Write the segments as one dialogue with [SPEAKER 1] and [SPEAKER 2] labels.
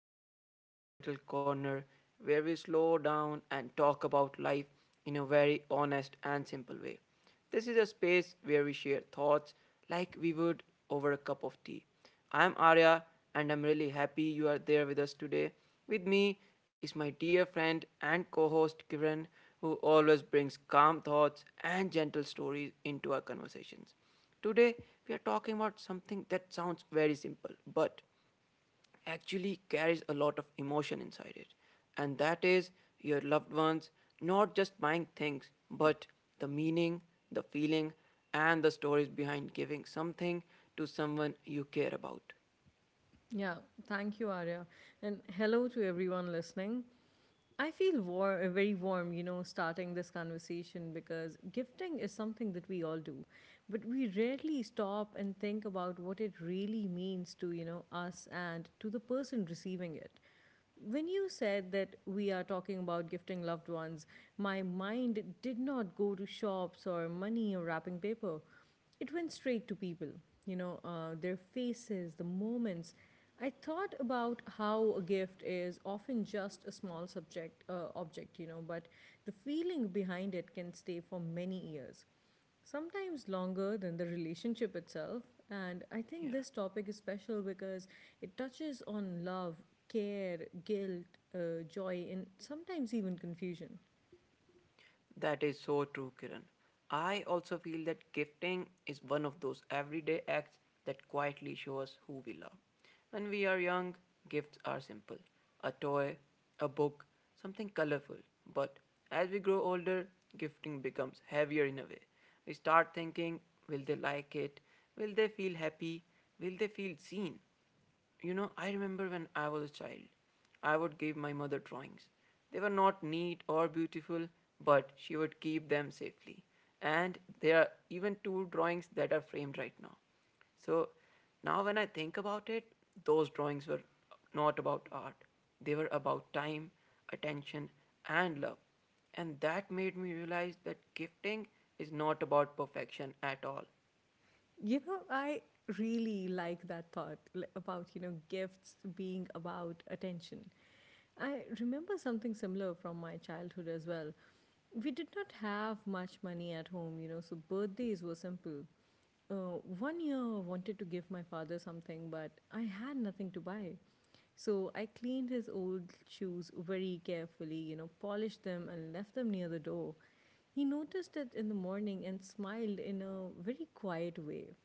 [SPEAKER 1] welcome back to our little corner where we slow down and talk about life in a very honest and simple way. This is a space where we share thoughts like we would over a cup of tea. I'm Arya, and I'm really happy you are there with us today. With me is my dear friend and co host Kiran, who always brings calm thoughts and gentle stories into our conversations. Today, we are talking about something that sounds very simple but actually carries a lot of emotion inside it. And that is your loved ones not just buying things, but the meaning, the feeling, and the stories behind giving something to someone you care about.
[SPEAKER 2] Yeah, thank you, Arya. And hello to everyone listening. I feel very warm, you know, starting this conversation because gifting is something that we all do. But we rarely stop and think about what it really means to, you know, us and to the person receiving it. When you said that we are talking about gifting loved ones, my mind did not go to shops or money or wrapping paper. It went straight to people, you know, their faces, the moments. I thought about how a gift is often just a small subject object, you know, but the feeling behind it can stay for many years, sometimes longer than the relationship itself. And I think
[SPEAKER 1] Yeah.
[SPEAKER 2] this topic is special because it touches on love, care, guilt, joy, and sometimes even confusion.
[SPEAKER 1] That is so true, Kiran. I also feel that gifting is one of those everyday acts that quietly show us who we love. When we are young, gifts are simple: a toy, a book, something colorful. But as we grow older, gifting becomes heavier in a way. We start thinking, will they like it? Will they feel happy? Will they feel seen? You know, I remember when I was a child, I would give my mother drawings. They were not neat or beautiful, but she would keep them safely. And there are even two drawings that are framed right now. So now, when I think about it, those drawings were not about art, they were about time, attention, and love. And that made me realize that gifting is not about perfection at all.
[SPEAKER 2] You know, I really like that about, you know, gifts being about attention. I remember something similar from my childhood as well. We did not have much money at home, you know, so birthdays were simple. One year I wanted to give my father something, but I had nothing to buy. So I cleaned his old shoes very carefully, you know, polished them and left them near the door. He noticed it in the morning and smiled in a very quiet way.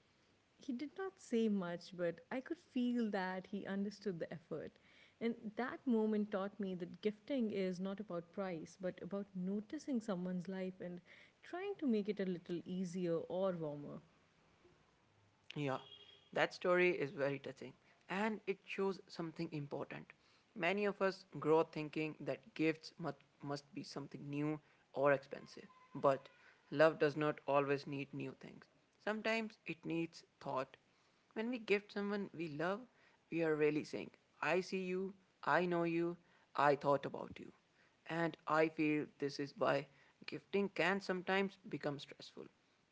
[SPEAKER 2] He did not say much, but I could feel that he understood the effort. And that moment taught me that gifting is not about price, but about noticing someone's life and trying to make it a little easier or warmer.
[SPEAKER 1] Yeah, that story is very touching and it shows something important. Many of us grow up thinking that gifts must be something new or expensive, but love does not always need new things. Sometimes it needs thought. When we gift someone we love, we are really saying, I see you, I know you, I thought about you. And I feel this is why gifting can sometimes become stressful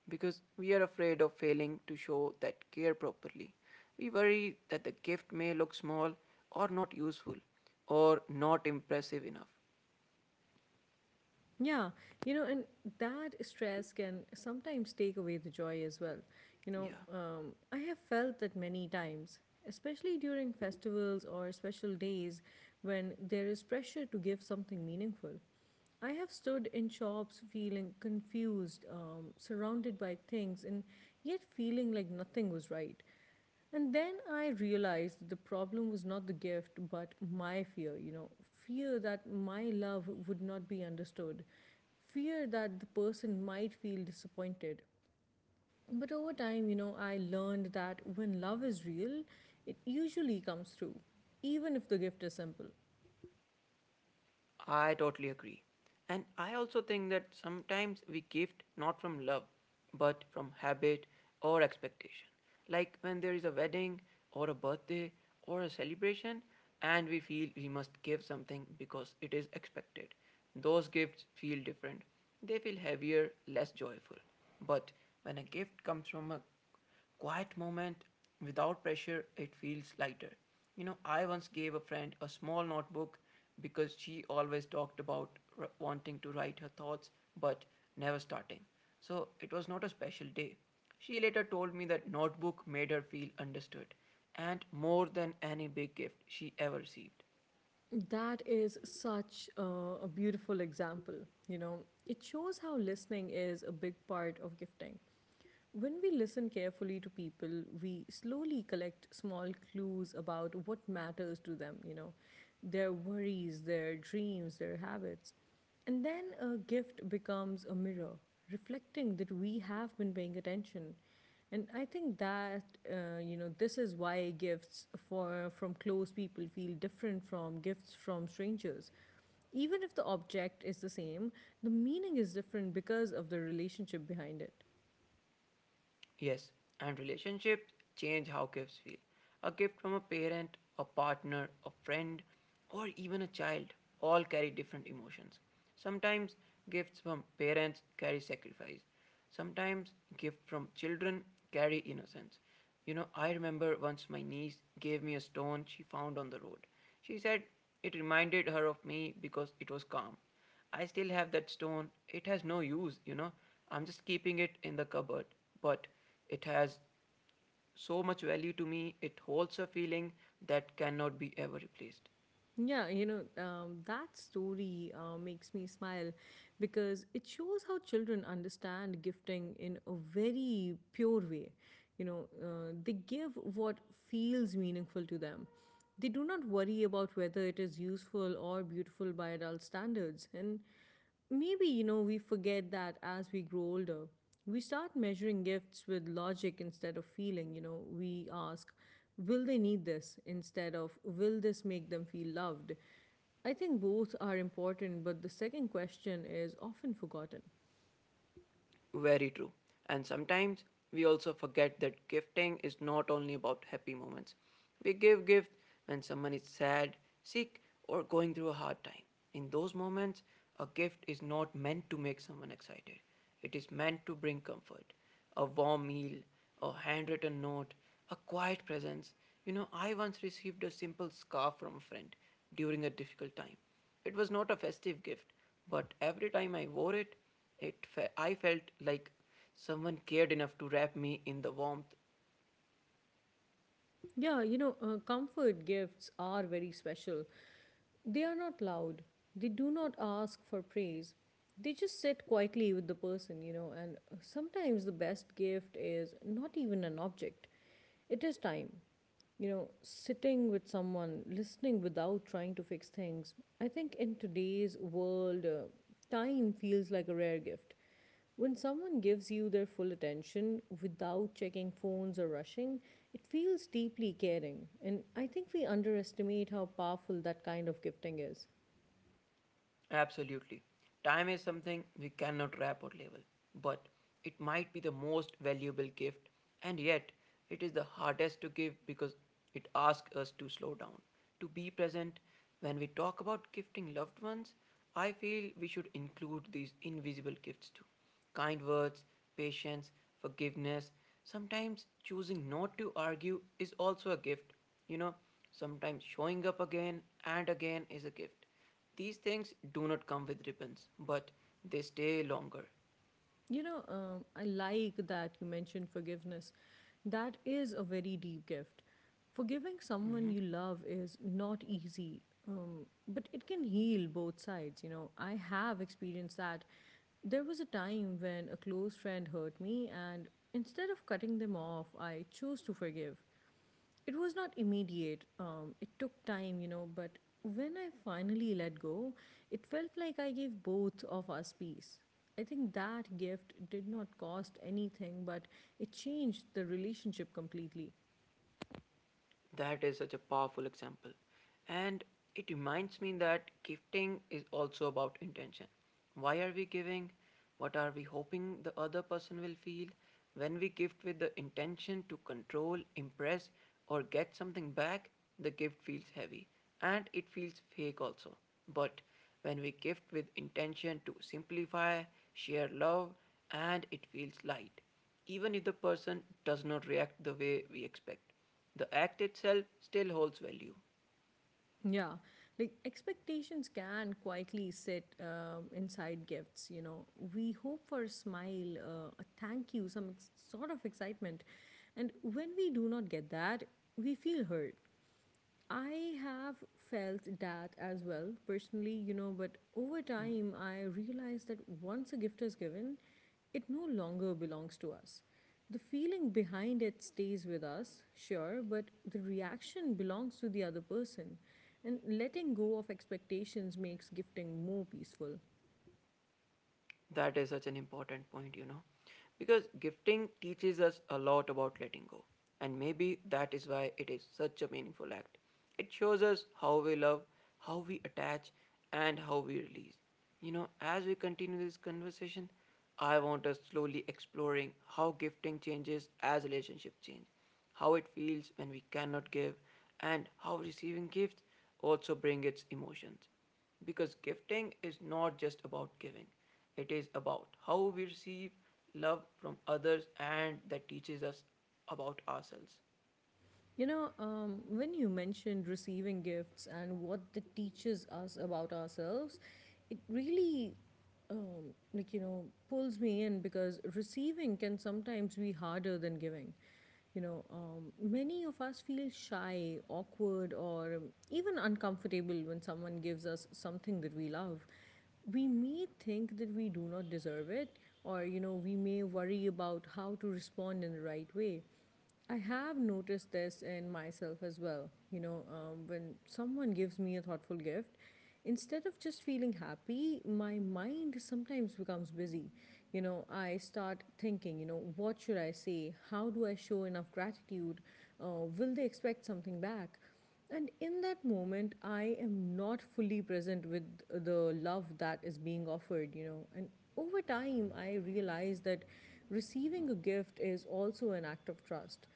[SPEAKER 1] because we are afraid of failing to show that care properly. We worry that the gift may look small or not useful or not impressive enough.
[SPEAKER 2] Yeah, you know, and that stress can sometimes take away the joy as well. You know,
[SPEAKER 1] Yeah.
[SPEAKER 2] I have felt that many times, especially during festivals or special days when there is pressure to give something meaningful. I have stood in shops feeling confused, surrounded by things, and yet feeling like nothing was right. And then I realized that the problem was not the gift, but my fear, you know, fear that my love would not be understood, fear that the person might feel disappointed. But over time, you know, I learned that when love is real, it usually comes through, even if the gift is simple.
[SPEAKER 1] I totally agree. And I also think that sometimes we gift not from love, but from habit or expectation. Like when there is a wedding or a birthday or a celebration, and we feel we must give something because it is expected. Those gifts feel different. They feel heavier, less joyful. But when a gift comes from a quiet moment without pressure, it feels lighter. You know, I once gave a friend a small notebook because she always talked about wanting to write her thoughts but never starting. So it was not a special day. She later told me that notebook made her feel understood and more than any big gift she ever received.
[SPEAKER 2] That is such a beautiful example. You know, it shows how listening is a big part of gifting. When we listen carefully to people, we slowly collect small clues about what matters to them, you know, their worries, their dreams, their habits. And then a gift becomes a mirror, reflecting that we have been paying attention. And I think that, you know, this is why gifts from close people feel different from gifts from strangers. Even if the object is the same, the meaning is different because of the relationship behind it.
[SPEAKER 1] Yes, and relationships change how gifts feel. A gift from a parent, a partner, a friend, or even a child all carry different emotions. Sometimes gifts from parents carry sacrifice. Sometimes gifts from children carry innocence. You know, I remember once my niece gave me a stone she found on the road. She said it reminded her of me because it was calm. I still have that stone. It has no use, you know. I'm just keeping it in the cupboard. But it has so much value to me. It holds a feeling that cannot be ever replaced.
[SPEAKER 2] Yeah, you know, that story makes me smile because it shows how children understand gifting in a very pure way. You know, they give what feels meaningful to them. They do not worry about whether it is useful or beautiful by adult standards. And maybe, you know, we forget that as we grow older, we start measuring gifts with logic instead of feeling. You know, we ask, will they need this, instead of, will this make them feel loved? I think both are important, but the second question is often forgotten.
[SPEAKER 1] Very true. And sometimes we also forget that gifting is not only about happy moments. We give gift when someone is sad, sick, or going through a hard time. In those moments, a gift is not meant to make someone excited. It is meant to bring comfort. A warm meal, a handwritten note, a quiet presence. You know, I once received a simple scarf from a friend during a difficult time. It was not a festive gift, but every time I wore it, I felt like someone cared enough to wrap me in the warmth.
[SPEAKER 2] Yeah, you know, comfort gifts are very special. They are not loud. They do not ask for praise. They just sit quietly with the person, you know, and sometimes the best gift is not even an object. It is time. You know, sitting with someone, listening without trying to fix things. I think in today's world, time feels like a rare gift. When someone gives you their full attention without checking phones or rushing, it feels deeply caring. And I think we underestimate how powerful that kind of gifting is.
[SPEAKER 1] Absolutely. Time is something we cannot wrap or label, but it might be the most valuable gift, and yet it is the hardest to give because it asks us to slow down, to be present. When we talk about gifting loved ones, I feel we should include these invisible gifts too: kind words, patience, forgiveness. Sometimes choosing not to argue is also a gift. You know, sometimes showing up again and again is a gift. These things do not come with ribbons, but they stay longer.
[SPEAKER 2] You know, I like that you mentioned forgiveness. That is a very deep gift. Forgiving someone
[SPEAKER 1] Hmm.
[SPEAKER 2] you love is not easy, but it can heal both sides. You know, I have experienced that. There was a time when a close friend hurt me, and instead of cutting them off, I chose to forgive. It was not immediate. It took time, you know, but when I finally let go, it felt like I gave both of us peace. I think that gift did not cost anything, but it changed the relationship completely.
[SPEAKER 1] That is such a powerful example. And it reminds me that gifting is also about intention. Why are we giving? What are we hoping the other person will feel? When we gift with the intention to control, impress, or get something back, the gift feels heavy and it feels fake also. But when we gift with intention to simplify, share love, and it feels light, even if the person does not react the way we expect, the act itself still holds value.
[SPEAKER 2] Yeah, like expectations can quietly sit inside gifts, you know. We hope for a smile, a thank you, sort of excitement. And when we do not get that, we feel hurt. I have felt that as well, personally, you know, but over
[SPEAKER 1] Mm.
[SPEAKER 2] time I realized that once a gift is given, it no longer belongs to us. The feeling behind it stays with us, sure, but the reaction belongs to the other person. And letting go of expectations makes gifting more peaceful.
[SPEAKER 1] That is such an important point, you know. Because gifting teaches us a lot about letting go. And maybe that is why it is such a meaningful act. It shows us how we love, how we attach, and how we release. You know, as we continue this conversation, I want us slowly exploring how gifting changes as relationships change, how it feels when we cannot give, and how receiving gifts also bring its emotions. Because gifting is not just about giving, it is about how we receive love from others and that teaches us about ourselves.
[SPEAKER 2] You know, when you mentioned receiving gifts and what that teaches us about ourselves, it really, you know, pulls me in because receiving can sometimes be harder than giving. You know, many of us feel shy, awkward, or even uncomfortable when someone gives us something that we love. We may think that we do not deserve it, or you know, we may worry about how to respond in the right way. I have noticed this in myself as well. You know, when someone gives me a thoughtful gift, instead of just feeling happy, my mind sometimes becomes busy. You know, I start thinking, you know, what should I say? How do I show enough gratitude? Will they expect something back? And in that moment, I am not fully present with the love that is being offered, you know. And over time, I realized that receiving a gift is also an act of trust.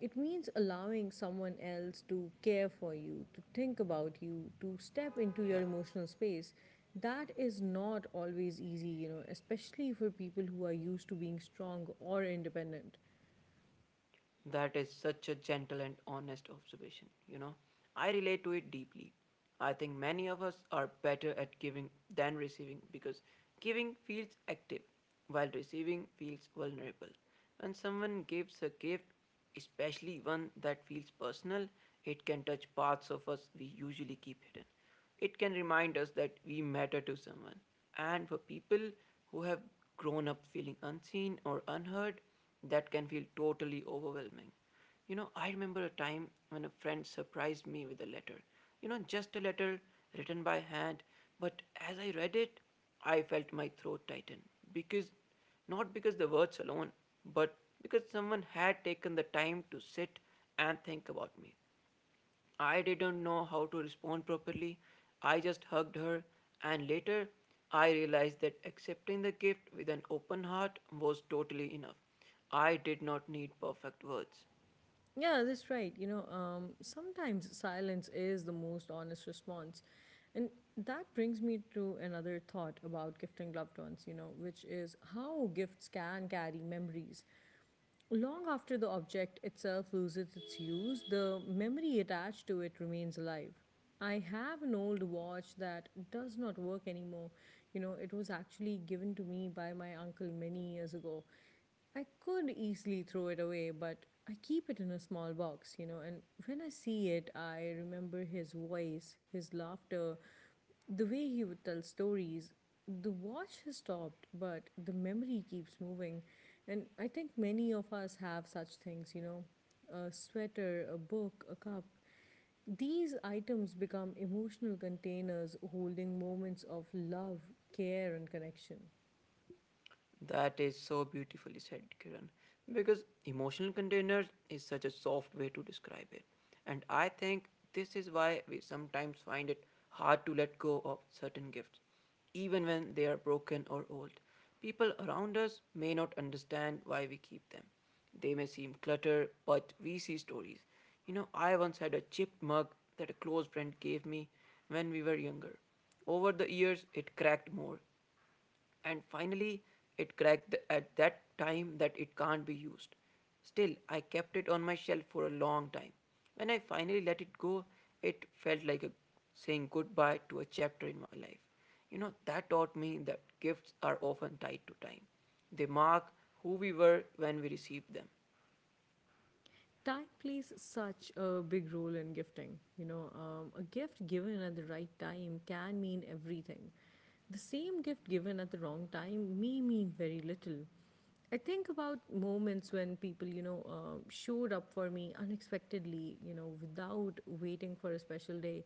[SPEAKER 2] It means allowing someone else to care for you, to think about you, to step into your
[SPEAKER 1] Yeah.
[SPEAKER 2] emotional space. That is not always easy, you know, especially for people who are used to being strong or independent.
[SPEAKER 1] That is such a gentle and honest observation, you know. I relate to it deeply. I think many of us are better at giving than receiving because giving feels active while receiving feels vulnerable. When someone gives a gift, especially one that feels personal, it can touch parts of us we usually keep hidden. It can remind us that we matter to someone. And for people who have grown up feeling unseen or unheard, that can feel totally overwhelming. You know, I remember a time when a friend surprised me with a letter. You know, just a letter written by hand, but as I read it, I felt my throat tighten because, not because the words alone, but because someone had taken the time to sit and think about me. I didn't know how to respond properly. I just hugged her, and later I realized that accepting the gift with an open heart was totally enough. I did not need perfect words.
[SPEAKER 2] Yeah, that's right. You know, sometimes silence is the most honest response. And that brings me to another thought about gifting loved ones, you know, which is how gifts can carry memories. Long after the object itself loses its use, the memory attached to it remains alive. I have an old watch that does not work anymore. You know, it was actually given to me by my uncle many years ago. I could easily throw it away, but I keep it in a small box, you know, and when I see it, I remember his voice, his laughter, the way he would tell stories. The watch has stopped, but the memory keeps moving. And I think many of us have such things, you know, a sweater, a book, a cup. These items become emotional containers, holding moments of love, care, and connection.
[SPEAKER 1] That is so beautifully said, Kiran. Because emotional containers is such a soft way to describe it. And I think this is why we sometimes find it hard to let go of certain gifts, even when they are broken or old. People around us may not understand why we keep them. They may seem clutter, but we see stories. You know, I once had a chipped mug that a close friend gave me when we were younger. Over the years, it cracked more, and finally at that time that it can't be used. Still, I kept it on my shelf for a long time. When I finally let it go, it felt like a, saying goodbye to a chapter in my life. You know, that taught me that gifts are often tied to time. They mark who we were when we received them.
[SPEAKER 2] Time plays such a big role in gifting. You know, a gift given at the right time can mean everything. The same gift given at the wrong time may mean very little. I think about moments when people, you know, showed up for me unexpectedly, you know, without waiting for a special day.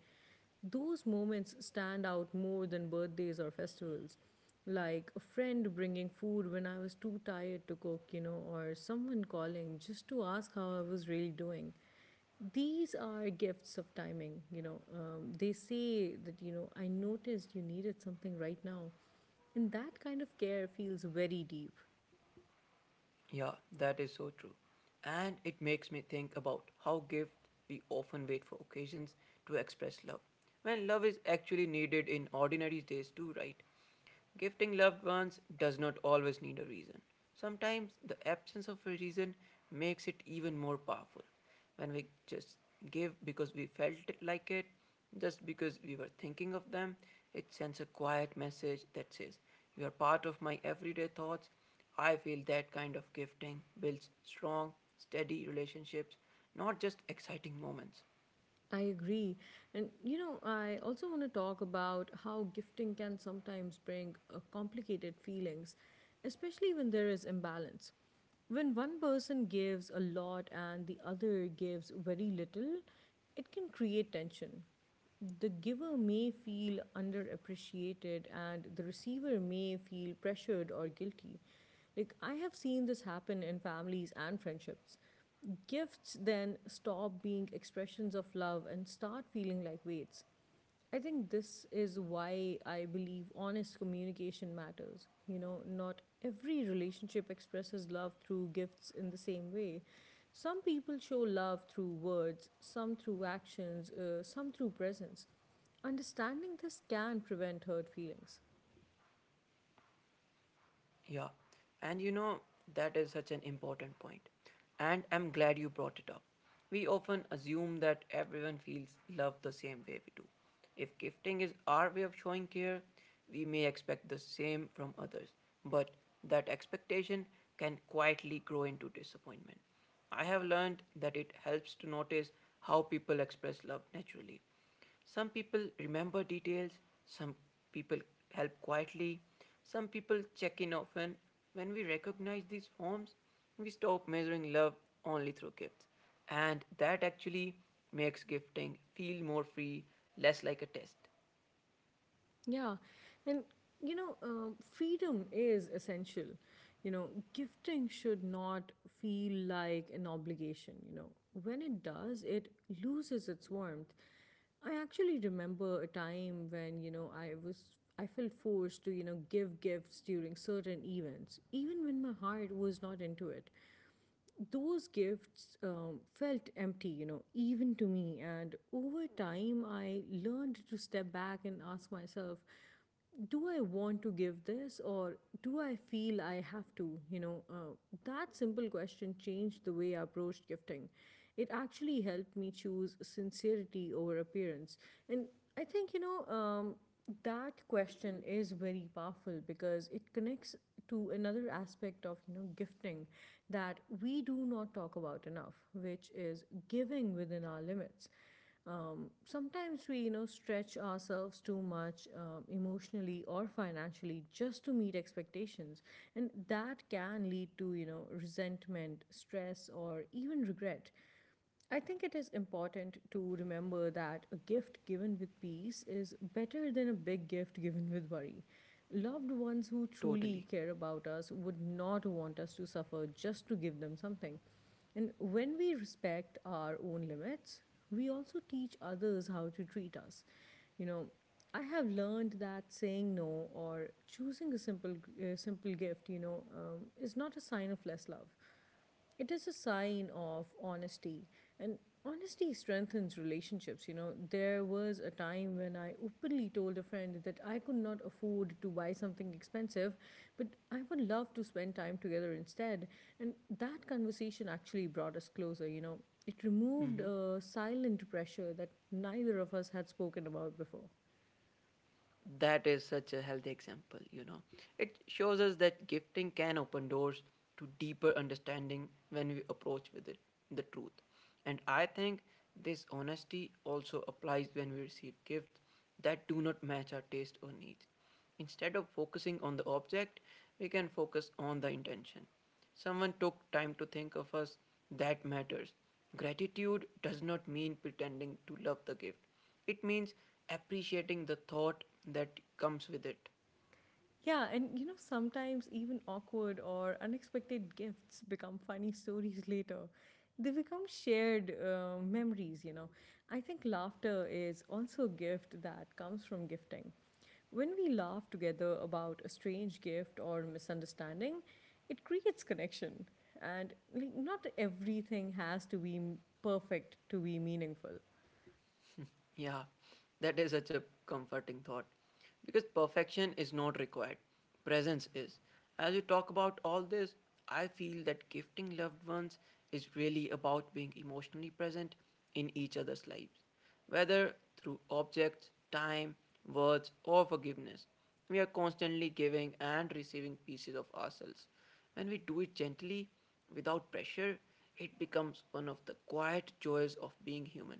[SPEAKER 2] Those moments stand out more than birthdays or festivals. Like a friend bringing food when I was too tired to cook, you know, or someone calling just to ask how I was really doing. These are gifts of timing, you know, they say that, you know, I noticed you needed something right now. And that kind of care feels very deep.
[SPEAKER 1] Yeah, that is so true. And it makes me think about how gifts we often wait for occasions to express love. When love is actually needed in ordinary days too, right? Gifting loved ones does not always need a reason. Sometimes the absence of a reason makes it even more powerful when we just give because we felt like it, just because we were thinking of them, it sends a quiet message that says, you are part of my everyday thoughts. I feel that kind of gifting builds strong, steady relationships, not just exciting moments.
[SPEAKER 2] I agree. And you know, I also want to talk about how gifting can sometimes bring complicated feelings, especially when there is imbalance. When one person gives a lot and the other gives very little, it can create tension. The giver may feel underappreciated and the receiver may feel pressured or guilty. Like, I have seen this happen in families and friendships. Gifts then stop being expressions of love and start feeling like weights. I think this is why I believe honest communication matters. You know, not every relationship expresses love through gifts in the same way. Some people show love through words, some through actions, some through presence. Understanding this can prevent hurt feelings.
[SPEAKER 1] Yeah, and you know, that is such an important point, and I'm glad you brought it up. We often assume that everyone feels love the same way we do. If gifting is our way of showing care, we may expect the same from others, but that expectation can quietly grow into disappointment. I have learned that it helps to notice how people express love naturally. Some people remember details, some people help quietly, some people check in often. When we recognize these forms, we stop measuring love only through gifts. And that actually makes gifting feel more free, less like a test.
[SPEAKER 2] Yeah. And, you know, freedom is essential. You know, gifting should not feel like an obligation. You know, when it does, it loses its warmth. I actually remember a time when, you know, I was. I felt forced to, you know, give gifts during certain events, even when my heart was not into it. Those gifts felt empty, you know, even to me. And over time, I learned to step back and ask myself, do I want to give this, or do I feel I have to? That simple question changed the way I approached gifting. It actually helped me choose sincerity over appearance. And I think, that question is very powerful because it connects to another aspect of gifting that we do not talk about enough, which is giving within our limits. Sometimes we stretch ourselves too much, emotionally or financially, just to meet expectations, and that can lead to resentment, stress, or even regret. I think it is important to remember that a gift given with peace is better than a big gift given with worry. Loved ones who truly
[SPEAKER 1] Totally.
[SPEAKER 2] care about us would not want us to suffer just to give them something. And when we respect our own limits, we also teach others how to treat us. You know, I have learned that saying no or choosing a simple gift, is not a sign of less love, it is a sign of honesty. And honesty strengthens relationships. There was a time when I openly told a friend that I could not afford to buy something expensive, but I would love to spend time together instead. And that conversation actually brought us closer. It removed
[SPEAKER 1] Mhm.
[SPEAKER 2] a silent pressure that neither of us had spoken about before.
[SPEAKER 1] That is such a healthy example, you know. It shows us that gifting can open doors to deeper understanding when we approach with it the truth. And I think this honesty also applies when we receive gifts that do not match our taste or needs. Instead of focusing on the object, we can focus on the intention. Someone took time to think of us. That matters. Gratitude does not mean pretending to love the gift, it means appreciating the thought that comes with it.
[SPEAKER 2] Yeah, and you know, sometimes even awkward or unexpected gifts become funny stories later. They become shared memories. I think laughter is also a gift that comes from gifting. When we laugh together about a strange gift or misunderstanding, it creates connection. And like, not everything has to be perfect to be meaningful.
[SPEAKER 1] Yeah, that is such a comforting thought because perfection is not required, presence is. As you talk about all this, I feel that gifting loved ones is really about being emotionally present in each other's lives, whether through objects, time, words, or forgiveness. We are constantly giving and receiving pieces of ourselves. When we do it gently, without pressure, it becomes one of the quiet joys of being human.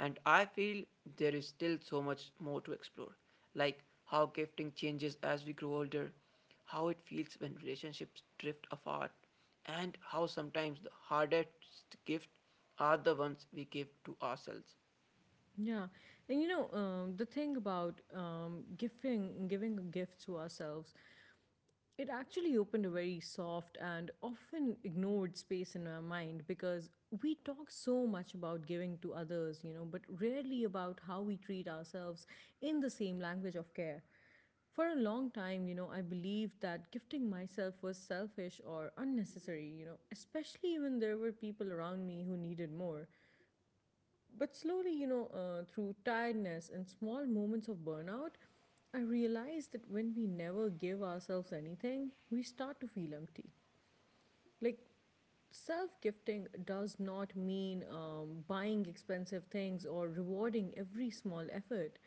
[SPEAKER 1] And I feel there is still so much more to explore, like how gifting changes as we grow older, how it feels when relationships drift apart, and how sometimes the hardest gifts are the ones we give to ourselves.
[SPEAKER 2] Yeah, and the thing about giving a gift to ourselves, it actually opened a very soft and often ignored space in our mind, because we talk so much about giving to others, you know, but rarely about how we treat ourselves in the same language of care. For a long time, you know, I believed that gifting myself was selfish or unnecessary, you know, especially when there were people around me who needed more. But slowly, through tiredness and small moments of burnout, I realized that when we never give ourselves anything, we start to feel empty. Like, self gifting does not mean buying expensive things or rewarding every small effort.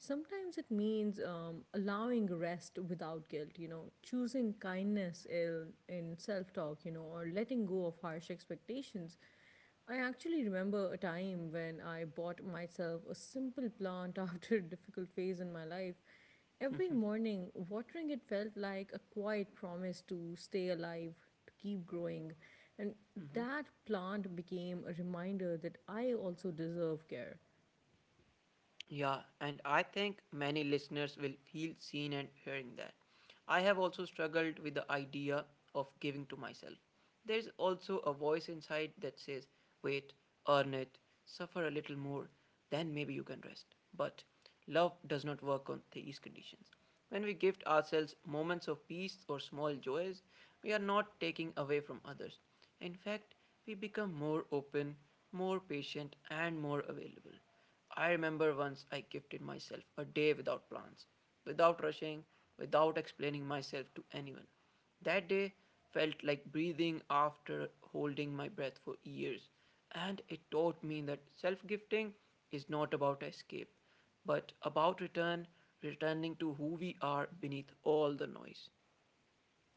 [SPEAKER 2] Sometimes it means allowing rest without guilt, you know, choosing kindness in self talk, or letting go of harsh expectations. I actually remember a time when I bought myself a simple plant after a difficult phase in my life. Every morning, watering it felt like a quiet promise to stay alive, to keep growing. And
[SPEAKER 1] Mm-hmm.
[SPEAKER 2] that plant became a reminder that I also deserve care.
[SPEAKER 1] Yeah, and I think many listeners will feel seen and hearing that. I have also struggled with the idea of giving to myself. There is also a voice inside that says, wait, earn it, suffer a little more, then maybe you can rest. But love does not work on these conditions. When we gift ourselves moments of peace or small joys, we are not taking away from others. In fact, we become more open, more patient, and more available. I remember once I gifted myself a day without plans, without rushing, without explaining myself to anyone. That day felt like breathing after holding my breath for years, and it taught me that self gifting is not about escape, but about return, returning to who we are beneath all the noise.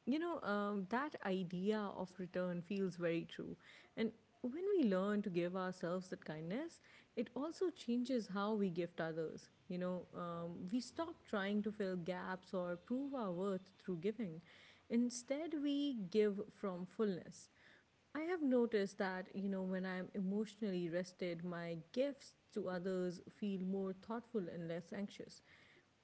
[SPEAKER 2] That idea of return feels very true. And when we learn to give ourselves that kindness, it also changes how we gift others. We stop trying to fill gaps or prove our worth through giving. Instead, we give from fullness. I have noticed that, you know, when I'm emotionally rested, my gifts to others feel more thoughtful and less anxious.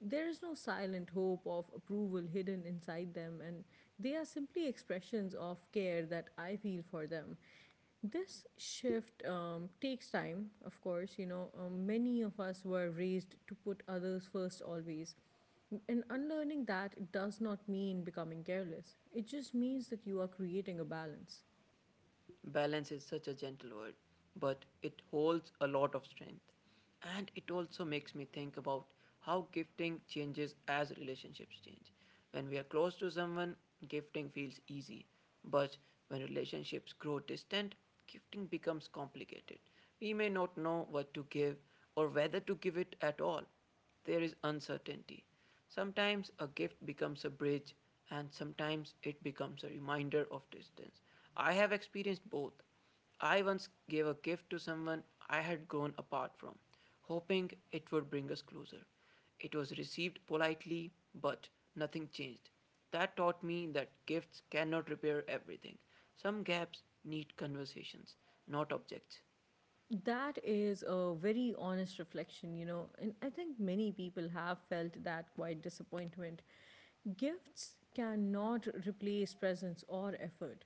[SPEAKER 2] There is no silent hope of approval hidden inside them, and they are simply expressions of care that I feel for them. This shift takes time, of course. Many of us were raised to put others first always. And unlearning that does not mean becoming careless, it just means that you are creating a balance.
[SPEAKER 1] Balance is such a gentle word, but it holds a lot of strength. And it also makes me think about how gifting changes as relationships change. When we are close to someone, gifting feels easy. But when relationships grow distant, gifting becomes complicated. We may not know what to give or whether to give it at all. There is uncertainty. Sometimes a gift becomes a bridge, and sometimes it becomes a reminder of distance. I have experienced both. I once gave a gift to someone I had grown apart from, hoping it would bring us closer. It was received politely, but nothing changed. That taught me that gifts cannot repair everything. Some gaps need conversations, not objects.
[SPEAKER 2] That is a very honest reflection, you know, and I think many people have felt that quite disappointment. Gifts cannot replace presence or effort.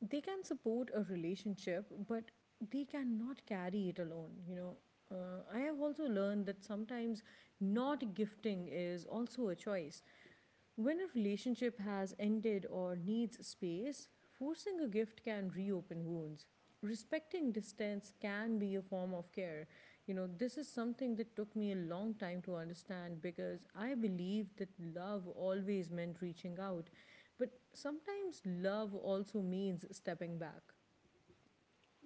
[SPEAKER 2] They can support a relationship, but they cannot carry it alone, you know. I have also learned that sometimes not gifting is also a choice. When a relationship has ended or needs space, forcing a gift can reopen wounds. Respecting distance can be a form of care. You know, this is something that took me a long time to understand, because I believed that love always meant reaching out. But sometimes love also means stepping back.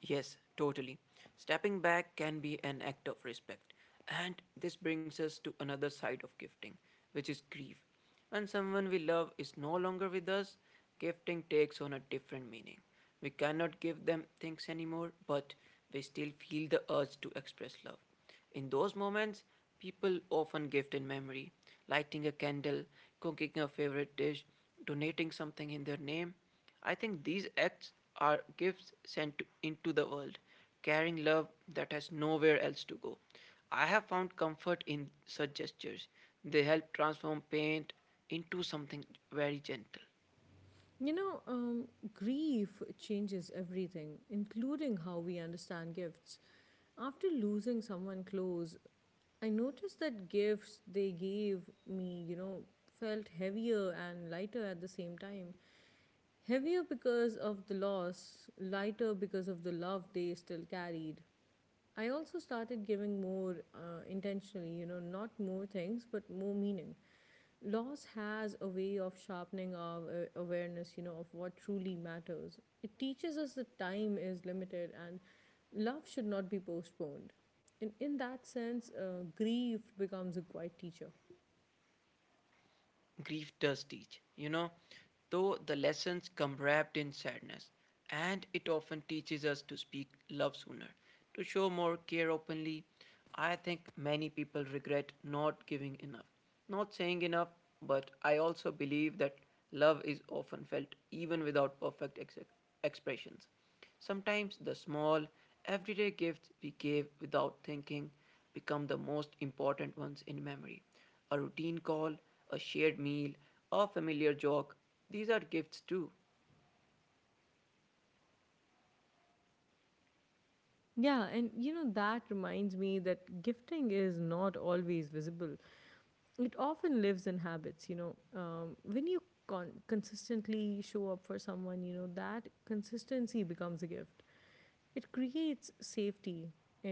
[SPEAKER 1] Yes, totally. Stepping back can be an act of respect. And this brings us to another side of gifting, which is grief. When someone we love is no longer with us, gifting takes on a different meaning. We cannot give them things anymore, but we still feel the urge to express love. In those moments, people often gift in memory, lighting a candle, cooking a favorite dish, donating something in their name. I think these acts are gifts into the world, carrying love that has nowhere else to go. I have found comfort in such gestures. They help transform pain into something very gentle.
[SPEAKER 2] You know, um, Grief changes everything, including how we understand gifts. After losing someone close, I noticed that gifts they gave me, you know, felt heavier and lighter at the same time. Heavier because of the loss, lighter because of the love they still carried. I also started giving more intentionally, you know, not more things, but more meaning. Loss has a way of sharpening our awareness, you know, of what truly matters. It teaches us that time is limited and love should not be postponed. And in that sense, grief becomes a quiet teacher.
[SPEAKER 1] Grief does teach, you know, though the lessons come wrapped in sadness, and it often teaches us to speak love sooner, to show more care openly. I think many people regret not giving enough, not saying enough, but I also believe that love is often felt even without expressions. Sometimes the small, everyday gifts we gave without thinking become the most important ones in memory. A routine call, a shared meal, a familiar jog. These are gifts too.
[SPEAKER 2] Yeah, and you know, that reminds me that gifting is not always visible. It often lives in habits. When you consistently show up for someone, that consistency becomes a gift. It creates safety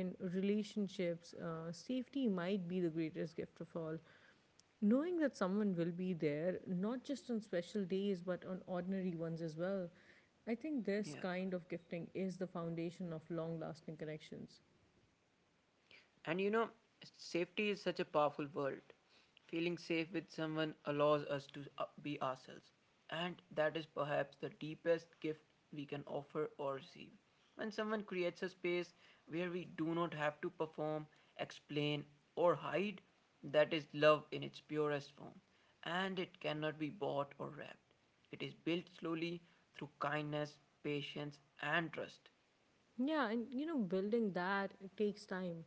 [SPEAKER 2] in relationships. Safety might be the greatest gift of all, knowing that someone will be there not just on special days but on ordinary ones as well. I think this
[SPEAKER 1] Yeah.
[SPEAKER 2] kind of gifting is the foundation of long lasting connections.
[SPEAKER 1] And you know, safety is such a powerful word. Feeling safe with someone allows us to be ourselves. And that is perhaps the deepest gift we can offer or receive. When someone creates a space where we do not have to perform, explain, or hide, that is love in its purest form. And it cannot be bought or wrapped. It is built slowly through kindness, patience, and trust.
[SPEAKER 2] Yeah, and you know, building that, it takes time,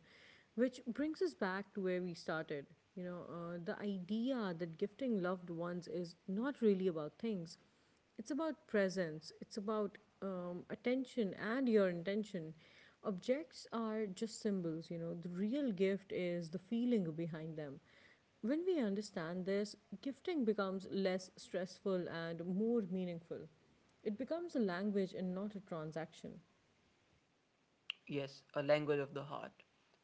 [SPEAKER 2] which brings us back to where we started. The idea that gifting loved ones is not really about things, it's about presence, it's about attention and your intention. Objects are just symbols, you know, the real gift is the feeling behind them. When we understand this, gifting becomes less stressful and more meaningful. It becomes a language and not a transaction.
[SPEAKER 1] Yes, a language of the heart.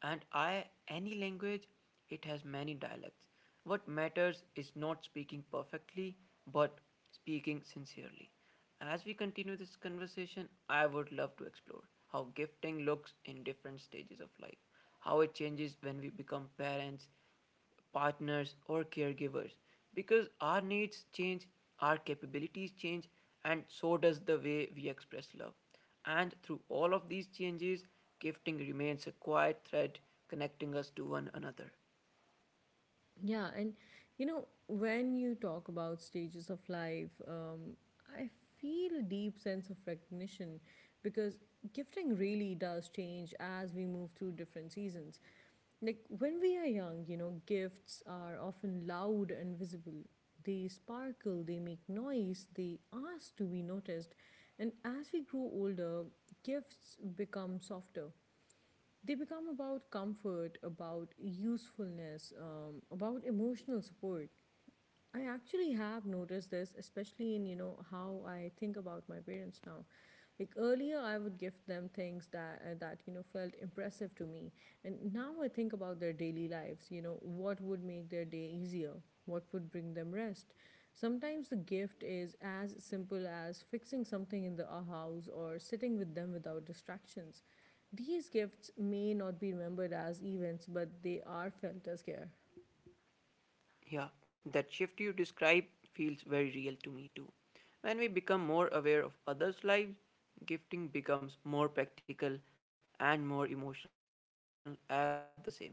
[SPEAKER 1] And I, any language, it has many dialects. What matters is not speaking perfectly, but speaking sincerely. As we continue this conversation, I would love to explore how gifting looks in different stages of life, how it changes when we become parents, partners, or caregivers because our needs change, our capabilities change, and so does the way we express love. And through all of these changes, gifting remains a quiet thread connecting us to one another.
[SPEAKER 2] Yeah, and you know, when you talk about stages of life, I feel a deep sense of recognition, because gifting really does change as we move through different seasons. Like when we are young, you know, gifts are often loud and visible. They sparkle, they make noise, they ask to be noticed. And as we grow older, gifts become softer. They become about comfort, about usefulness, about emotional support. I actually have noticed this, especially in you know how I think about my parents now. Like earlier, I would gift them things that felt impressive to me, and now I think about their daily lives. You know, what would make their day easier, what would bring them rest. Sometimes the gift is as simple as fixing something in the house or sitting with them without distractions. These gifts may not be remembered as events, but they are felt as care.
[SPEAKER 1] Yeah, that shift you describe feels very real to me too. When we become more aware of others' lives, gifting becomes more practical and more emotional at the same time.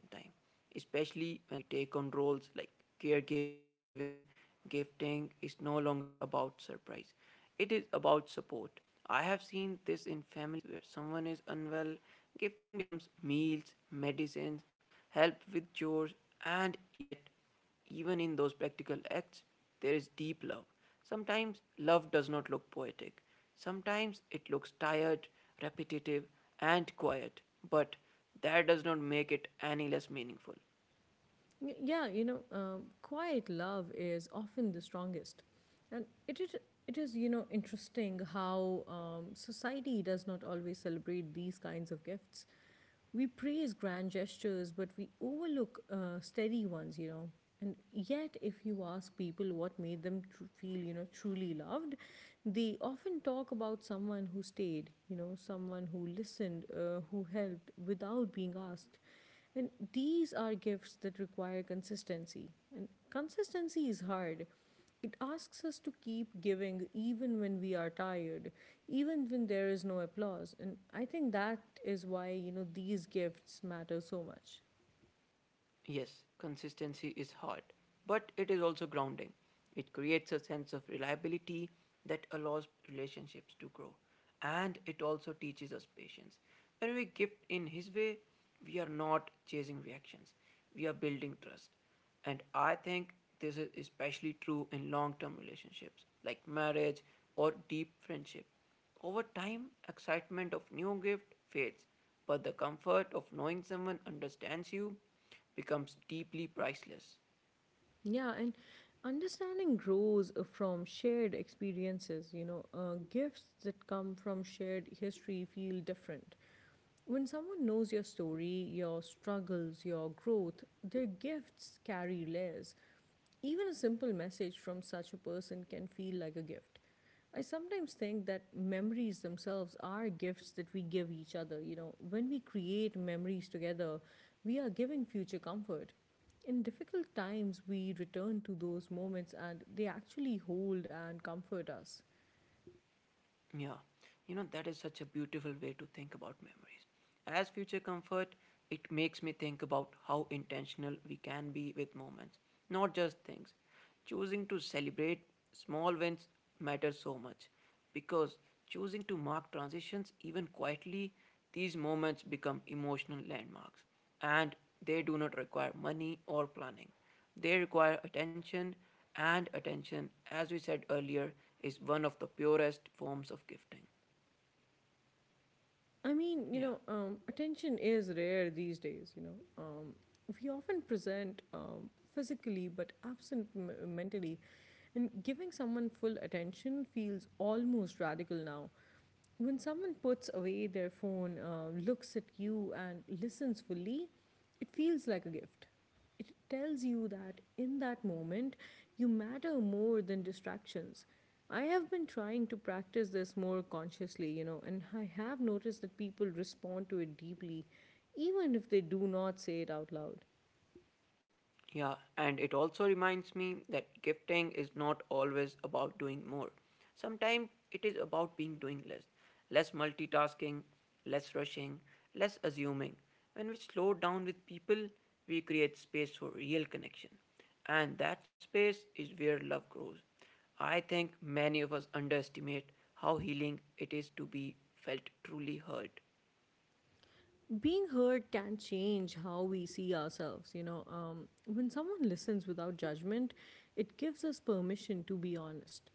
[SPEAKER 1] Especially when we take on roles like caregiving, gifting is no longer about surprise, it is about support. I have seen this in families where someone is unwell, gifting becomes meals, medicines, help with chores, and yet even in those practical acts, there is deep love. Sometimes love does not look poetic. Sometimes it looks tired, repetitive, and quiet, but that does not make it any less meaningful.
[SPEAKER 2] Yeah, you know, quiet love is often the strongest. And it is you know, interesting how society does not always celebrate these kinds of gifts. We praise grand gestures, but we overlook steady ones, you know. And yet, if you ask people what made them feel, you know, truly loved, they often talk about someone who stayed, you know, someone who listened, who helped without being asked. And these are gifts that require consistency. And consistency is hard. It asks us to keep giving even when we are tired, even when there is no applause. And I think that is why, you know, these gifts matter so much.
[SPEAKER 1] Yes, consistency is hard, but it is also grounding. It creates a sense of reliability that allows relationships to grow. And it also teaches us patience. When we gift in His way, we are not chasing reactions, we are building trust. And I think this is especially true in long term relationships like marriage or deep friendship. Over time, excitement of new gift fades, but the comfort of knowing someone understands you becomes deeply priceless.
[SPEAKER 2] Yeah, and understanding grows from shared experiences. You know, gifts that come from shared history feel different. When someone knows your story, your struggles, your growth, their gifts carry layers. Even a simple message from such a person can feel like a gift. I sometimes think that memories themselves are gifts that we give each other. You know, when we create memories together, we are giving future comfort. In difficult times, we return to those moments and they actually hold and comfort us.
[SPEAKER 1] Yeah, you know, that is such a beautiful way to think about memories. As future comfort, it makes me think about how intentional we can be with moments, not just things. Choosing to celebrate small wins matters so much because choosing to mark transitions even quietly, these moments become emotional landmarks and they do not require money or planning. They require attention, and attention, as we said earlier, is one of the purest forms of gifting.
[SPEAKER 2] I mean, you know,
[SPEAKER 1] Yeah.
[SPEAKER 2] attention is rare these days, you know. We often present physically but absent mentally. And giving someone full attention feels almost radical now. When someone puts away their phone, looks at you, and listens fully, it feels like a gift. It tells you that in that moment, you matter more than distractions. I have been trying to practice this more consciously, you know, and I have noticed that people respond to it deeply, even if they do not say it out loud.
[SPEAKER 1] Yeah, and it also reminds me that gifting is not always about doing more. Sometimes it is about being doing less, less multitasking, less rushing, less assuming. When we slow down with people, we create space for real connection. And that space is where love grows. I think many of us underestimate how healing it is to be felt truly heard.
[SPEAKER 2] Being heard can change how we see ourselves, you know. When someone listens without judgment, it gives us permission to be honest.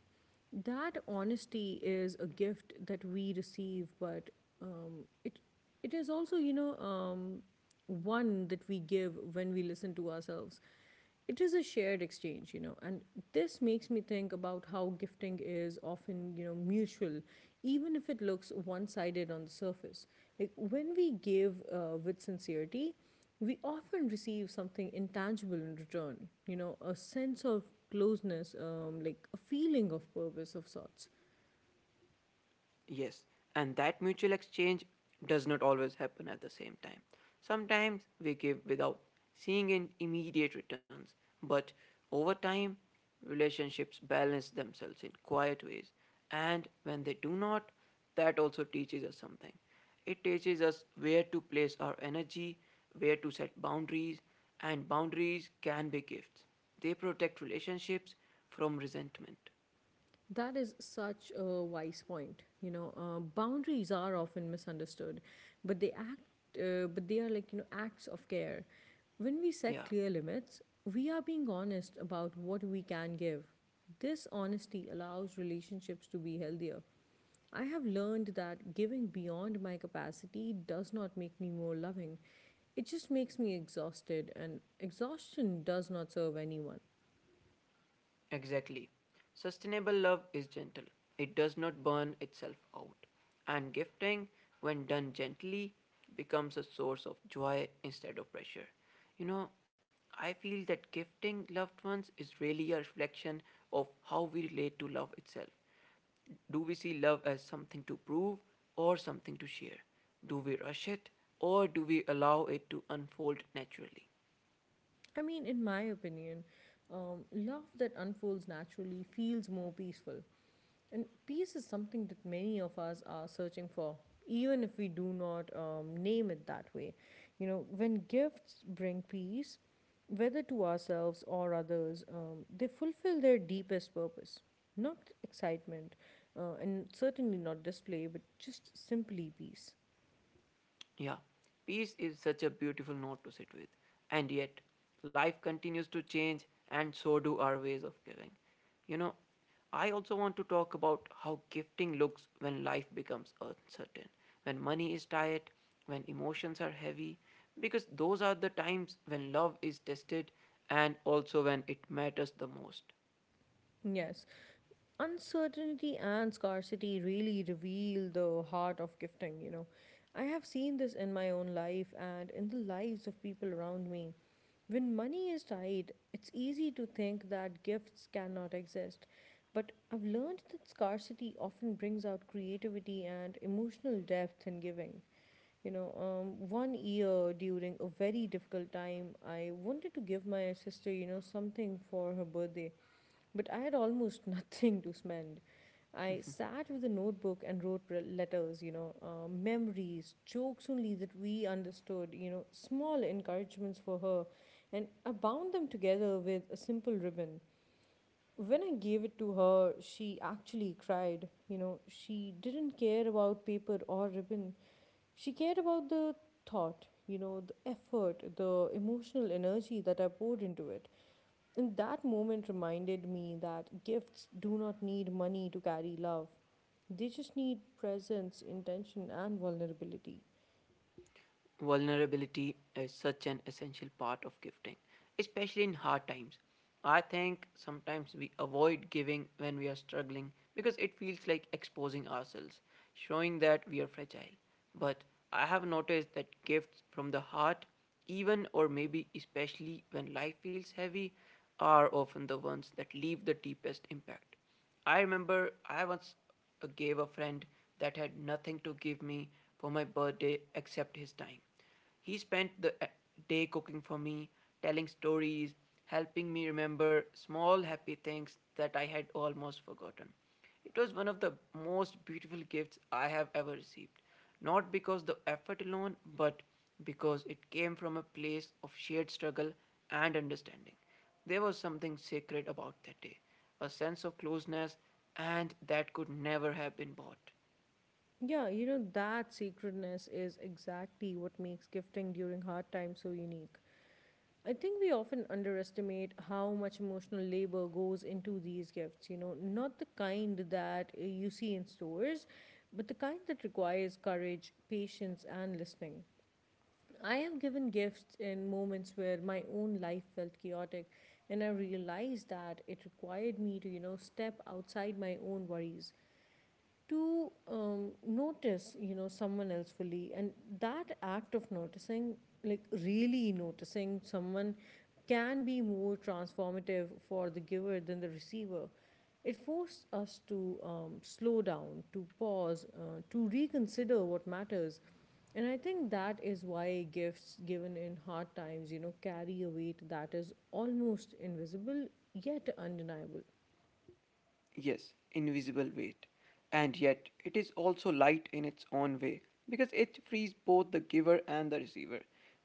[SPEAKER 2] That honesty is a gift that we receive, but um, it it is also one that we give when we listen to ourselves. It is a shared exchange, you know and this makes me think about how gifting is often mutual, even if it looks one-sided on the surface. Like, when we give with sincerity, we often receive something intangible in return, you know a sense of closeness, like a feeling of purpose of sorts.
[SPEAKER 1] Yes, and that mutual exchange does not always happen at the same time. Sometimes we give without seeing in immediate returns, but over time, relationships balance themselves in quiet ways. And when they do not, that also teaches us something. It teaches us where to place our energy, where to set boundaries, and boundaries can be gifts. They protect relationships from resentment.
[SPEAKER 2] That is such a wise point. Boundaries are often misunderstood, but they are like acts of care. When we set
[SPEAKER 1] Yeah.
[SPEAKER 2] clear limits, we are being honest about what we can give. This honesty allows relationships to be healthier. I have learned that giving beyond my capacity does not make me more loving. It just makes me exhausted, and exhaustion does not serve anyone.
[SPEAKER 1] Exactly. Sustainable love is gentle, it does not burn itself out. And gifting, when done gently, becomes a source of joy instead of pressure. You know, I feel that gifting loved ones is really a reflection of how we relate to love itself. Do we see love as something to prove or something to share? Do we rush it or do we allow it to unfold naturally?
[SPEAKER 2] I mean, in my opinion, love that unfolds naturally feels more peaceful. And peace is something that many of us are searching for, even if we do not name it that way. You know, when gifts bring peace, whether to ourselves or others, they fulfill their deepest purpose. Not excitement, and certainly not display, but just simply peace.
[SPEAKER 1] Yeah, peace is such a beautiful note to sit with. And yet, life continues to change, and so do our ways of giving. You know, I also want to talk about how gifting looks when life becomes uncertain, when money is tight, when emotions are heavy, because those are the times when love is tested and also when it matters the most.
[SPEAKER 2] Yes. Uncertainty and scarcity really reveal the heart of gifting, you know. I have seen this in my own life and in the lives of people around me. When money is tight, it's easy to think that gifts cannot exist. But I've learned that scarcity often brings out creativity and emotional depth in giving. 1 year during a very difficult time, I wanted to give my sister something for her birthday, but I had almost nothing to spend. I sat with a notebook and wrote letters, you know, memories, jokes only that we understood, you know, small encouragements for her, and I bound them together with a simple ribbon. When I gave it to her, she actually cried. You know, she didn't care about paper or ribbon. She cared about the thought, you know, the effort, the emotional energy that I poured into it. And that moment reminded me that gifts do not need money to carry love. They just need presence, intention, and vulnerability.
[SPEAKER 1] Vulnerability is such an essential part of gifting, especially in hard times. I think sometimes we avoid giving when we are struggling because it feels like exposing ourselves, showing that we are fragile. But I have noticed that gifts from the heart, even or maybe especially when life feels heavy, are often the ones that leave the deepest impact. I remember I once gave a friend that had nothing to give me for my birthday except his time. He spent the day cooking for me, telling stories, helping me remember small happy things that I had almost forgotten. It was one of the most beautiful gifts I have ever received. Not because the effort alone, but because it came from a place of shared struggle and understanding. There was something sacred about that day, a sense of closeness, and that could never have been bought.
[SPEAKER 2] Yeah, you know, that sacredness is exactly what makes gifting during hard times so unique. I think we often underestimate how much emotional labor goes into these gifts, you know, not the kind that you see in stores, but the kind that requires courage, patience, and listening. I have given gifts in moments where my own life felt chaotic, and I realized that it required me to, you know, step outside my own worries to notice, you know, someone else fully. And that act of noticing, like really noticing someone, can be more transformative for the giver than the receiver. It forced us to slow down, to pause, to reconsider what matters, and I think that is why gifts given in hard times, you know, carry a weight that is almost invisible yet undeniable.
[SPEAKER 1] Yes, invisible weight. And yet, it is also light in its own way because it frees both the giver and the receiver.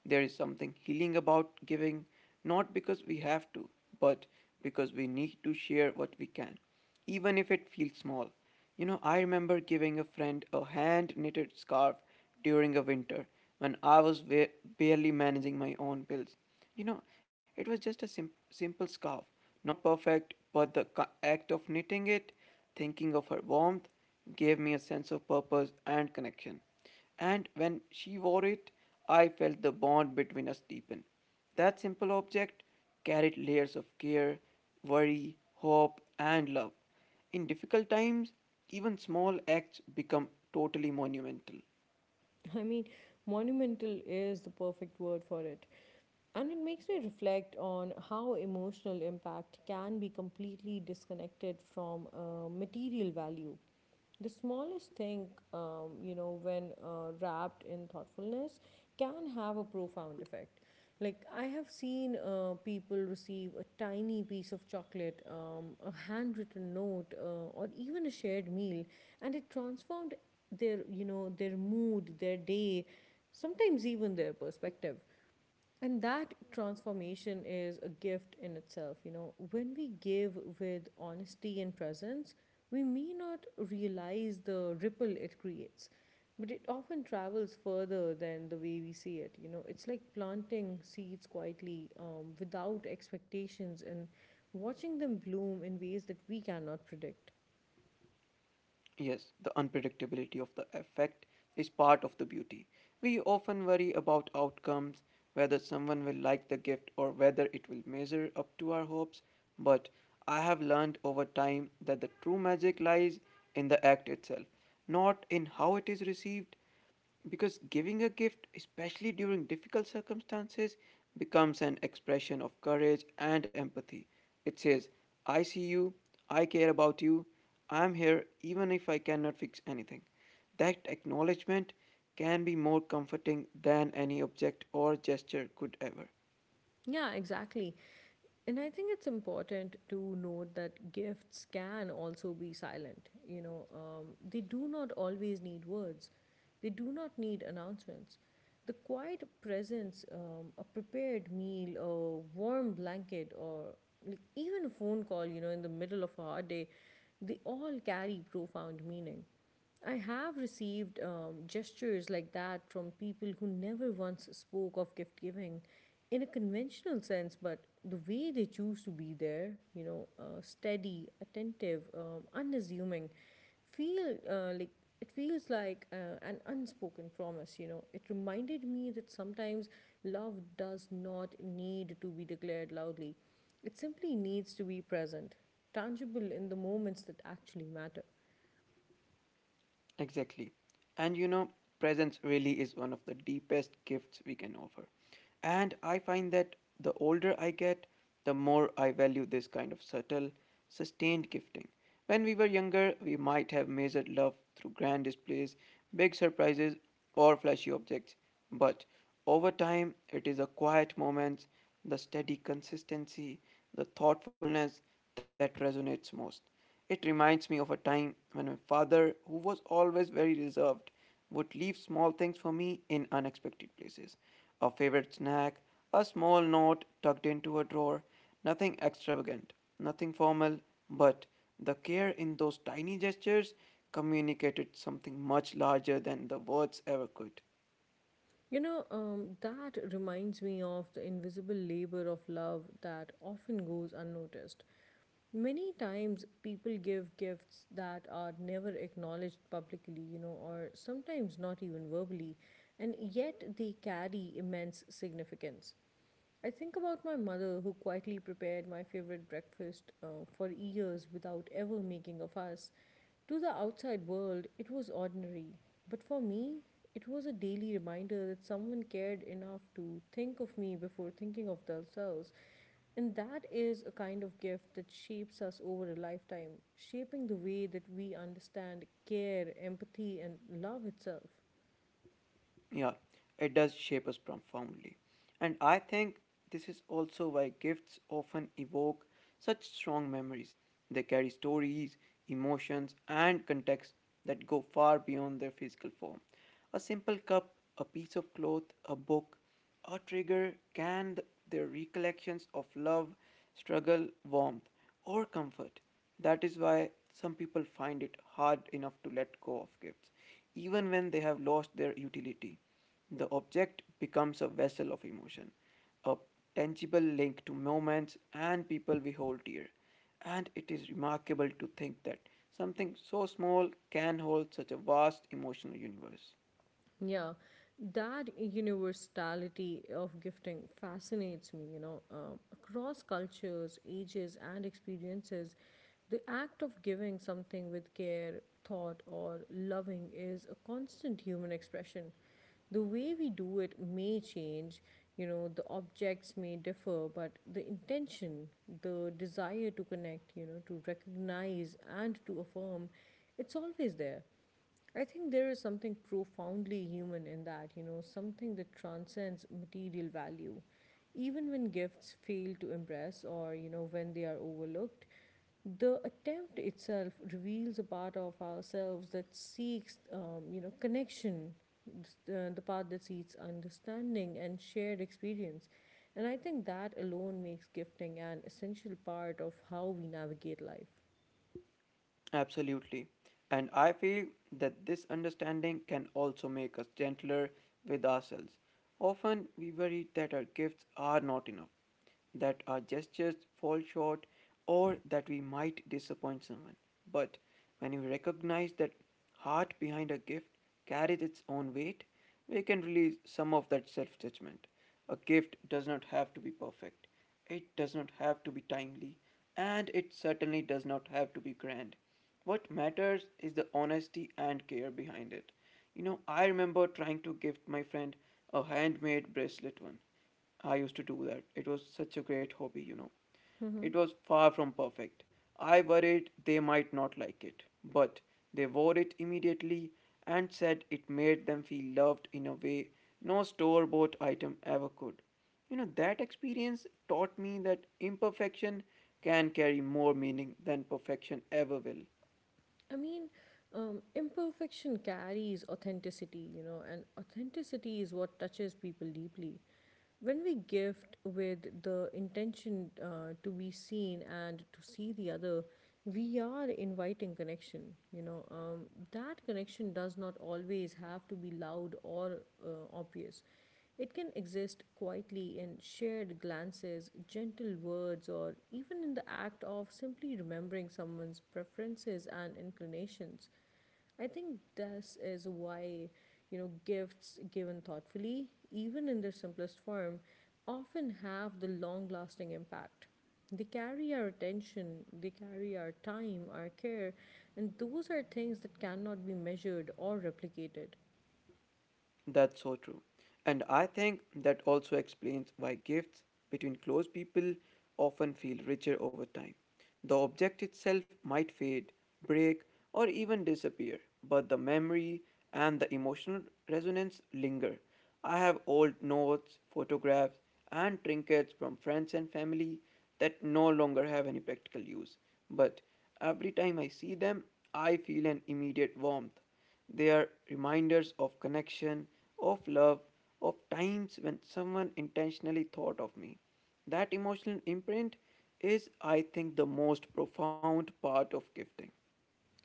[SPEAKER 1] There is something healing about giving, not because we have to, but because we need to share what we can, even if it feels small. You know, I remember giving a friend a hand knitted scarf during a winter when I was barely managing my own bills. You know, it was just a simple scarf, not perfect, but the act of knitting it, thinking of her warmth, gave me a sense of purpose and connection. And when she wore it, I felt the bond between us deepen. That simple object carried layers of care, worry, hope, and love. In difficult times, even small acts become totally monumental.
[SPEAKER 2] I mean, monumental is the perfect word for it. And it makes me reflect on how emotional impact can be completely disconnected from material value. The smallest thing, you know, when wrapped in thoughtfulness, can have a profound effect. Like, I have seen people receive a tiny piece of chocolate, a handwritten note, or even a shared meal, and it transformed their, you know, their mood, their day, sometimes even their perspective. And that transformation is a gift in itself. You know, when we give with honesty and presence, we may not realize the ripple it creates, but it often travels further than the way we see it. You know, it's like planting seeds quietly without expectations and watching them bloom in ways that we cannot predict.
[SPEAKER 1] Yes, the unpredictability of the effect is part of the beauty. We often worry about outcomes, whether someone will like the gift or whether it will measure up to our hopes, but I have learned over time that the true magic lies in the act itself, not in how it is received. Because giving a gift, especially during difficult circumstances, becomes an expression of courage and empathy. It says, I see you, I care about you, I'm here even if I cannot fix anything. That acknowledgement can be more comforting than any object or gesture could ever.
[SPEAKER 2] Yeah, exactly. And I think it's important to note that gifts can also be silent. You know, they do not always need words, they do not need announcements. The quiet presence, a prepared meal, a warm blanket, or like even a phone call, you know, in the middle of a hard day, they all carry profound meaning. I have received gestures like that from people who never once spoke of gift giving in a conventional sense, but the way they choose to be there, you know, steady, attentive, unassuming, feel like it feels like an unspoken promise, you know. It reminded me that sometimes love does not need to be declared loudly, it simply needs to be present, tangible in the moments that actually matter.
[SPEAKER 1] Exactly. And presence really is one of the deepest gifts we can offer. And I find that the older I get, the more I value this kind of subtle, sustained gifting. When we were younger, we might have measured love through grand displays, big surprises, or flashy objects. But over time, it is the quiet moments, the steady consistency, the thoughtfulness that resonates most. It reminds me of a time when my father, who was always very reserved, would leave small things for me in unexpected places: a favorite snack, a small note tucked into a drawer, nothing extravagant, nothing formal, but the care in those tiny gestures communicated something much larger than the words ever could.
[SPEAKER 2] You know, that reminds me of the invisible labor of love that often goes unnoticed. Many times people give gifts that are never acknowledged publicly, you know, or sometimes not even verbally, and yet they carry immense significance. I think about my mother, who quietly prepared my favorite breakfast for years without ever making a fuss. To the outside world, it was ordinary, but for me, it was a daily reminder that someone cared enough to think of me before thinking of themselves. And that is a kind of gift that shapes us over a lifetime, shaping the way that we understand care, empathy, and love itself.
[SPEAKER 1] Yeah, it does shape us profoundly. And I think this is also why gifts often evoke such strong memories. They carry stories, emotions, and contexts that go far beyond their physical form. A simple cup, a piece of cloth, a book, a trigger can their recollections of love, struggle, warmth, or comfort. That is why some people find it hard enough to let go of gifts, even when they have lost their utility. The object becomes a vessel of emotion, a tangible link to moments and people we hold dear. And it is remarkable to think that something so small can hold such a vast emotional universe.
[SPEAKER 2] Yeah, that universality of gifting fascinates me, you know. Across cultures, ages, and experiences, the act of giving something with care, thought, or loving is a constant human expression. The way we do it may change, you know, the objects may differ, but the intention, the desire to connect, you know, to recognize and to affirm, it's always there. I think there is something profoundly human in that, you know, something that transcends material value. Even when gifts fail to impress or, you know, when they are overlooked, the attempt itself reveals a part of ourselves that seeks, you know, connection, the part that seeks understanding and shared experience. And I think that alone makes gifting an essential part of how we navigate life.
[SPEAKER 1] Absolutely. And I feel that this understanding can also make us gentler with ourselves. Often we worry that our gifts are not enough, that our gestures fall short, or that we might disappoint someone. But when we recognize that heart behind a gift carries its own weight, we can release some of that self judgment. A gift does not have to be perfect. It does not have to be timely, and it certainly does not have to be grand. What matters is the honesty and care behind it. You know, I remember trying to gift my friend a handmade bracelet one. I used to do that. It was such a great hobby, It was far from perfect. I worried they might not like it, but they wore it immediately and said it made them feel loved in a way no store bought item ever could. You know, that experience taught me that imperfection can carry more meaning than perfection ever will.
[SPEAKER 2] I mean, imperfection carries authenticity, you know, and authenticity is what touches people deeply. When we gift with the intention to be seen and to see the other, we are inviting connection, you know. That connection does not always have to be loud or obvious. It can exist quietly in shared glances, gentle words, or even in the act of simply remembering someone's preferences and inclinations. I think this is why, you know, gifts given thoughtfully, even in their simplest form, often have the long lasting impact. They carry our attention, they carry our time, our care, and those are things that cannot be measured or replicated.
[SPEAKER 1] That's so true. And I think that also explains why gifts between close people often feel richer over time. The object itself might fade, break, or even disappear, but the memory and the emotional resonance linger. I have old notes, photographs, and trinkets from friends and family that no longer have any practical use, but every time I see them, I feel an immediate warmth. They are reminders of connection, of love, of times when someone intentionally thought of me. That emotional imprint is, I think, the most profound part of gifting.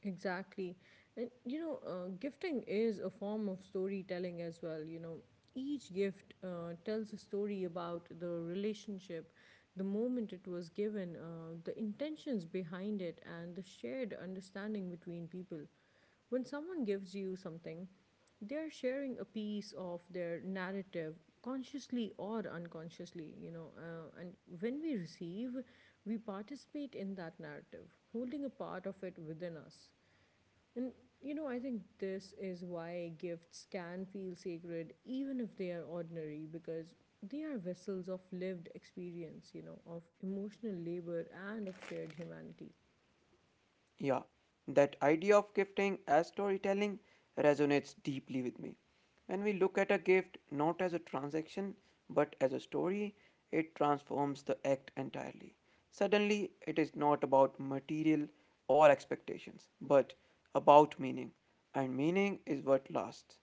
[SPEAKER 2] Exactly. And you know, gifting is a form of storytelling as well. You know, each gift tells a story about the relationship, the moment it was given, the intentions behind it, and the shared understanding between people. When someone gives you something, they're sharing a piece of their narrative, consciously or unconsciously, you know, and when we receive, we participate in that narrative, holding a part of it within us. And you know, I think this is why gifts can feel sacred even if they are ordinary, because they are vessels of lived experience, you know, of emotional labor and of shared humanity.
[SPEAKER 1] Yeah, that idea of gifting as storytelling resonates deeply with me. When we look at a gift not as a transaction but as a story, it transforms the act entirely. Suddenly, it is not about material or expectations, but about meaning, and meaning is what lasts.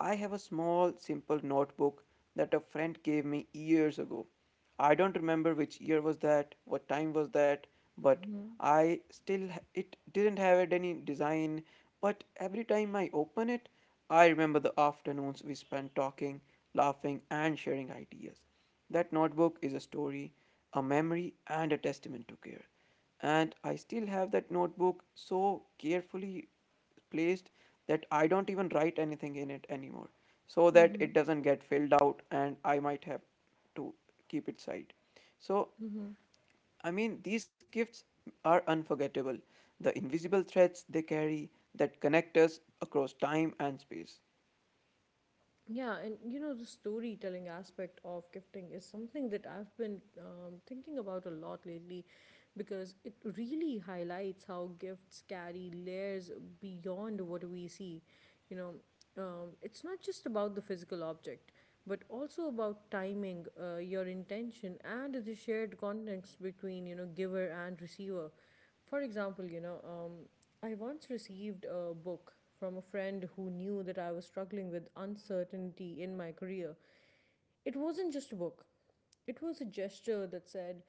[SPEAKER 1] I have a small, simple notebook that a friend gave me years ago. I don't remember which year was that, what time was that, but I still, it didn't have any design, but every time I open it, I remember the afternoons we spent talking, laughing and sharing ideas. That notebook is a story, a memory and a testament to care. And I still have that notebook so carefully placed that I don't even write anything in it anymore so that
[SPEAKER 2] Mm-hmm.
[SPEAKER 1] it doesn't get filled out and I might have to keep it aside. So,
[SPEAKER 2] Mm-hmm.
[SPEAKER 1] I mean, these gifts are unforgettable. The invisible threads they carry that connect us across time and space.
[SPEAKER 2] Yeah, and you know, the storytelling aspect of gifting is something that I've been thinking about a lot lately, because it really highlights how gifts carry layers beyond what we see. You know, it's not just about the physical object, but also about timing, your intention, and the shared context between giver and receiver. For example, you know, I once received a book from a friend who knew that I was struggling with uncertainty in my career. It wasn't just a book, it was a gesture that said,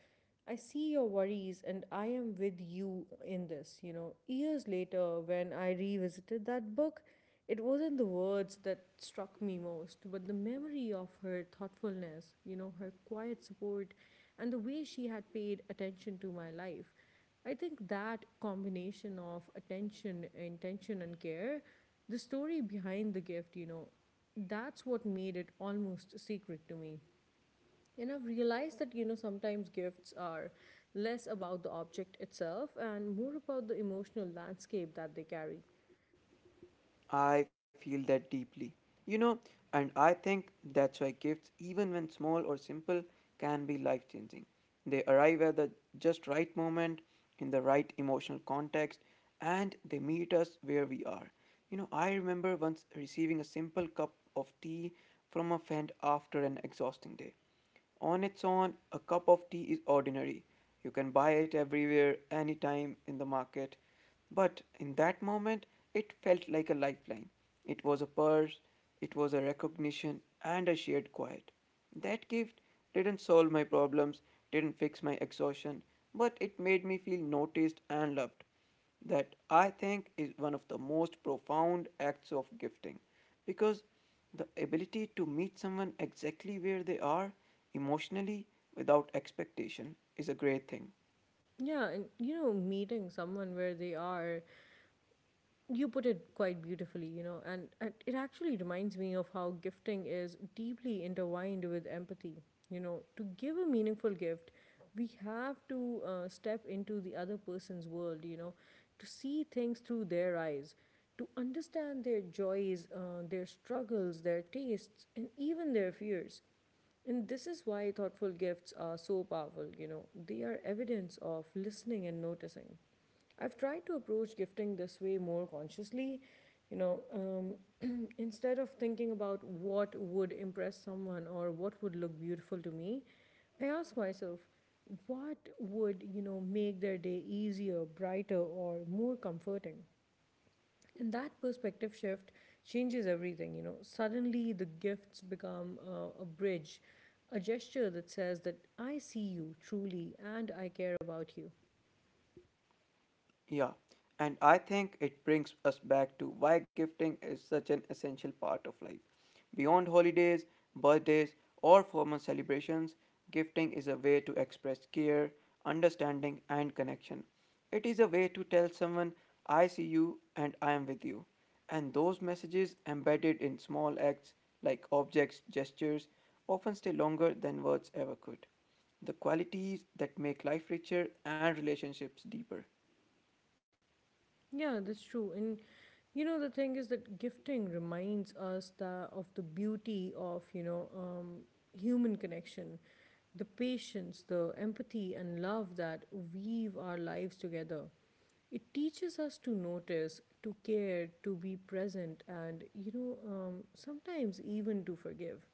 [SPEAKER 2] I see your worries and I am with you in this. You know, years later, when I revisited that book, it wasn't the words that struck me most, but the memory of her thoughtfulness, you know, her quiet support, and the way she had paid attention to my life. I think that combination of attention, intention, and care, the story behind the gift, you know, that's what made it almost secret to me. And I've realized that, you know, sometimes gifts are less about the object itself and more about the emotional landscape that they carry.
[SPEAKER 1] I feel that deeply. You know, and I think that's why gifts, even when small or simple, can be life changing. They arrive at the just right moment, in the right emotional context, and they meet us where we are. You know, I remember once receiving a simple cup of tea from a friend after an exhausting day. On its own, a cup of tea is ordinary. You can buy it everywhere, anytime in the market. But in that moment, it felt like a lifeline. It was a purse, it was a recognition, and a shared quiet. That gift didn't solve my problems, didn't fix my exhaustion, but it made me feel noticed and loved, that I think is one of the most profound acts of gifting because the ability to meet someone exactly where they are emotionally without expectation is a great thing.
[SPEAKER 2] Yeah, and, you know, meeting someone where they are, you put it quite beautifully, you know, and it actually reminds me of how gifting is deeply intertwined with empathy. You know, to give a meaningful gift, we have to step into the other person's world, you know, to see things through their eyes, to understand their joys, their struggles, their tastes, and even their fears. And this is why thoughtful gifts are so powerful, you know. They are evidence of listening and noticing. I've tried to approach gifting this way more consciously, you know, instead of thinking about what would impress someone or what would look beautiful to me, I ask myself, what would, you know, make their day easier, brighter, or more comforting? And that perspective shift changes everything, you know. Suddenly the gifts become a bridge, a gesture that says that I see you truly and I care about you.
[SPEAKER 1] Yeah, and I think it brings us back to why gifting is such an essential part of life. Beyond holidays, birthdays, or formal celebrations, gifting is a way to express care, understanding, and connection. It is a way to tell someone, I see you and I am with you. And those messages, embedded in small acts like objects, gestures, often stay longer than words ever could, the qualities that make life richer and relationships deeper.
[SPEAKER 2] Yeah, that's true. And the thing is that gifting reminds us that of the beauty of, human connection, the patience, the empathy, and love that weave our lives together. It teaches us to notice, to care, to be present, and, sometimes even to forgive.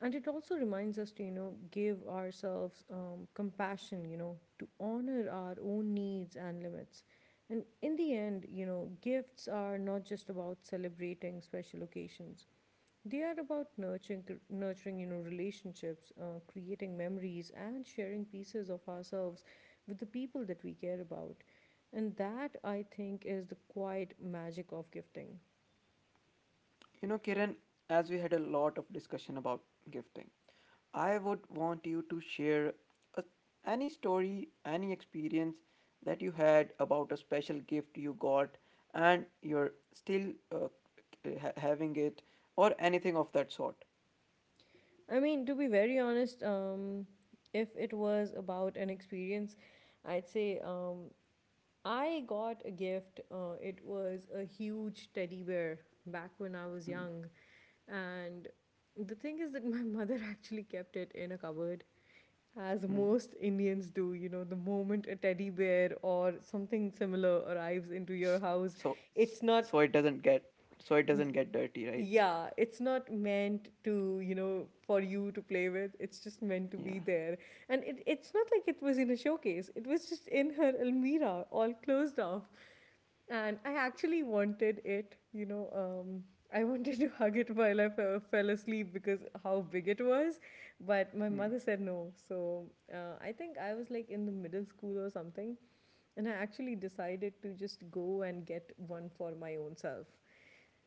[SPEAKER 2] And it also reminds us to, give ourselves compassion, to honor our own needs and limits. And in the end, gifts are not just about celebrating special occasions. They are about nurturing, nurturing, relationships, creating memories and sharing pieces of ourselves with the people that we care about. And that, I think, is the quiet magic of gifting.
[SPEAKER 1] You know, Kiran, as we had a lot of discussion about gifting, I would want you to share a, any story, any experience that you had about a special gift you got and you're still having it or anything of that sort.
[SPEAKER 2] I mean, to be very honest, if it was about an experience, I'd say I got a gift. It was a huge teddy bear back when I was
[SPEAKER 1] Mm.
[SPEAKER 2] young. And the thing is that my mother actually kept it in a cupboard, as
[SPEAKER 1] Mm.
[SPEAKER 2] most Indians do. You know, the moment a teddy bear or something similar arrives into your house,
[SPEAKER 1] So,
[SPEAKER 2] it's not.
[SPEAKER 1] so it doesn't get, so it doesn't get dirty, right?
[SPEAKER 2] Yeah, it's not meant to, for you to play with, it's just meant to be
[SPEAKER 1] Yeah.
[SPEAKER 2] there. And it's not like it was in a showcase, it was just in her almirah all closed off. And I actually wanted it, um I wanted to hug it while I fell asleep because how big it was, but my
[SPEAKER 1] Mm.
[SPEAKER 2] mother said no. So I think I was like in the middle school or something, and I actually decided to just go and get one for my own self.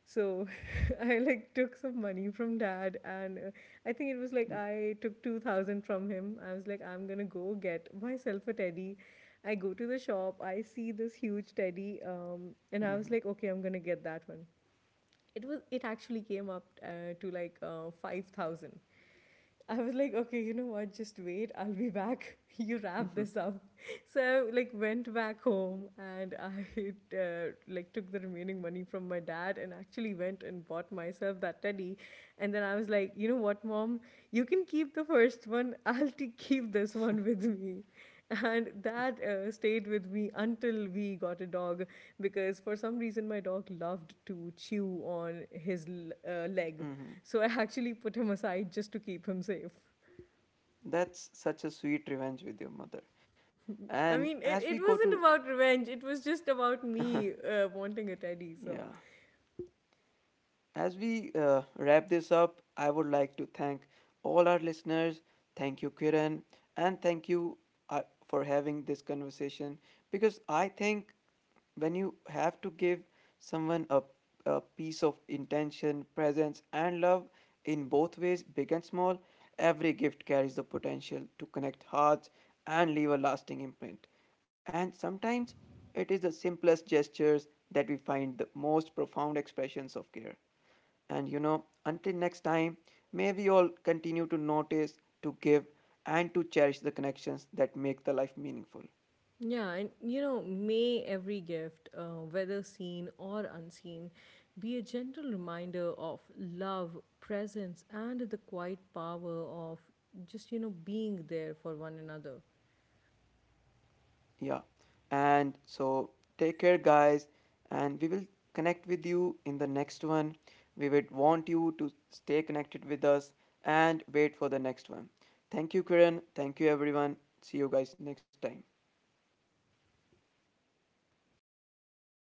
[SPEAKER 2] So I like took some money from dad, and I think it was like
[SPEAKER 1] Mm-hmm.
[SPEAKER 2] I took 2000 from him. I was like, I'm gonna go get myself a teddy. I go to the shop, I see this huge teddy, and I was like, okay, I'm gonna get that one. It was, it actually came up to like 5000. I was like, okay, you know what, just wait, I'll be back. You wrap
[SPEAKER 1] Mm-hmm.
[SPEAKER 2] this up. So I, like, went back home and I like took the remaining money from my dad and actually went and bought myself that teddy. And then I was like, you know what, mom, you can keep the first one. I'll keep this one with me. And that stayed with me until we got a dog, because for some reason my dog loved to chew on his leg.
[SPEAKER 1] Mm-hmm.
[SPEAKER 2] So I actually put him aside just to keep him safe.
[SPEAKER 1] That's such a sweet revenge with your mother. And
[SPEAKER 2] I mean,
[SPEAKER 1] as
[SPEAKER 2] it,
[SPEAKER 1] we go
[SPEAKER 2] it
[SPEAKER 1] to.
[SPEAKER 2] wasn't about revenge, it was just about me wanting a teddy. So
[SPEAKER 1] Yeah. As we wrap this up, I would like to thank all our listeners. Thank you, Kiran. And thank you uh, for having this conversation because I think when you have to give someone a piece of intention, presence, and love in both ways, big and small, every gift carries the potential to connect hearts and leave a lasting imprint. And sometimes it is the simplest gestures that we find the most profound expressions of care. And you know, until next time, may we all continue to notice, to give, and to cherish the connections that make the life meaningful.
[SPEAKER 2] yeah, and you know, may every gift, whether seen or unseen, be a gentle reminder of love, presence, and the quiet power of just, you know, being there for one another.
[SPEAKER 1] Yeah. And so take care, guys. And we will connect with you in the next one. We would want you to stay connected with us and wait for the next one. Thank you, Kiran. Thank you, everyone. See you guys next time.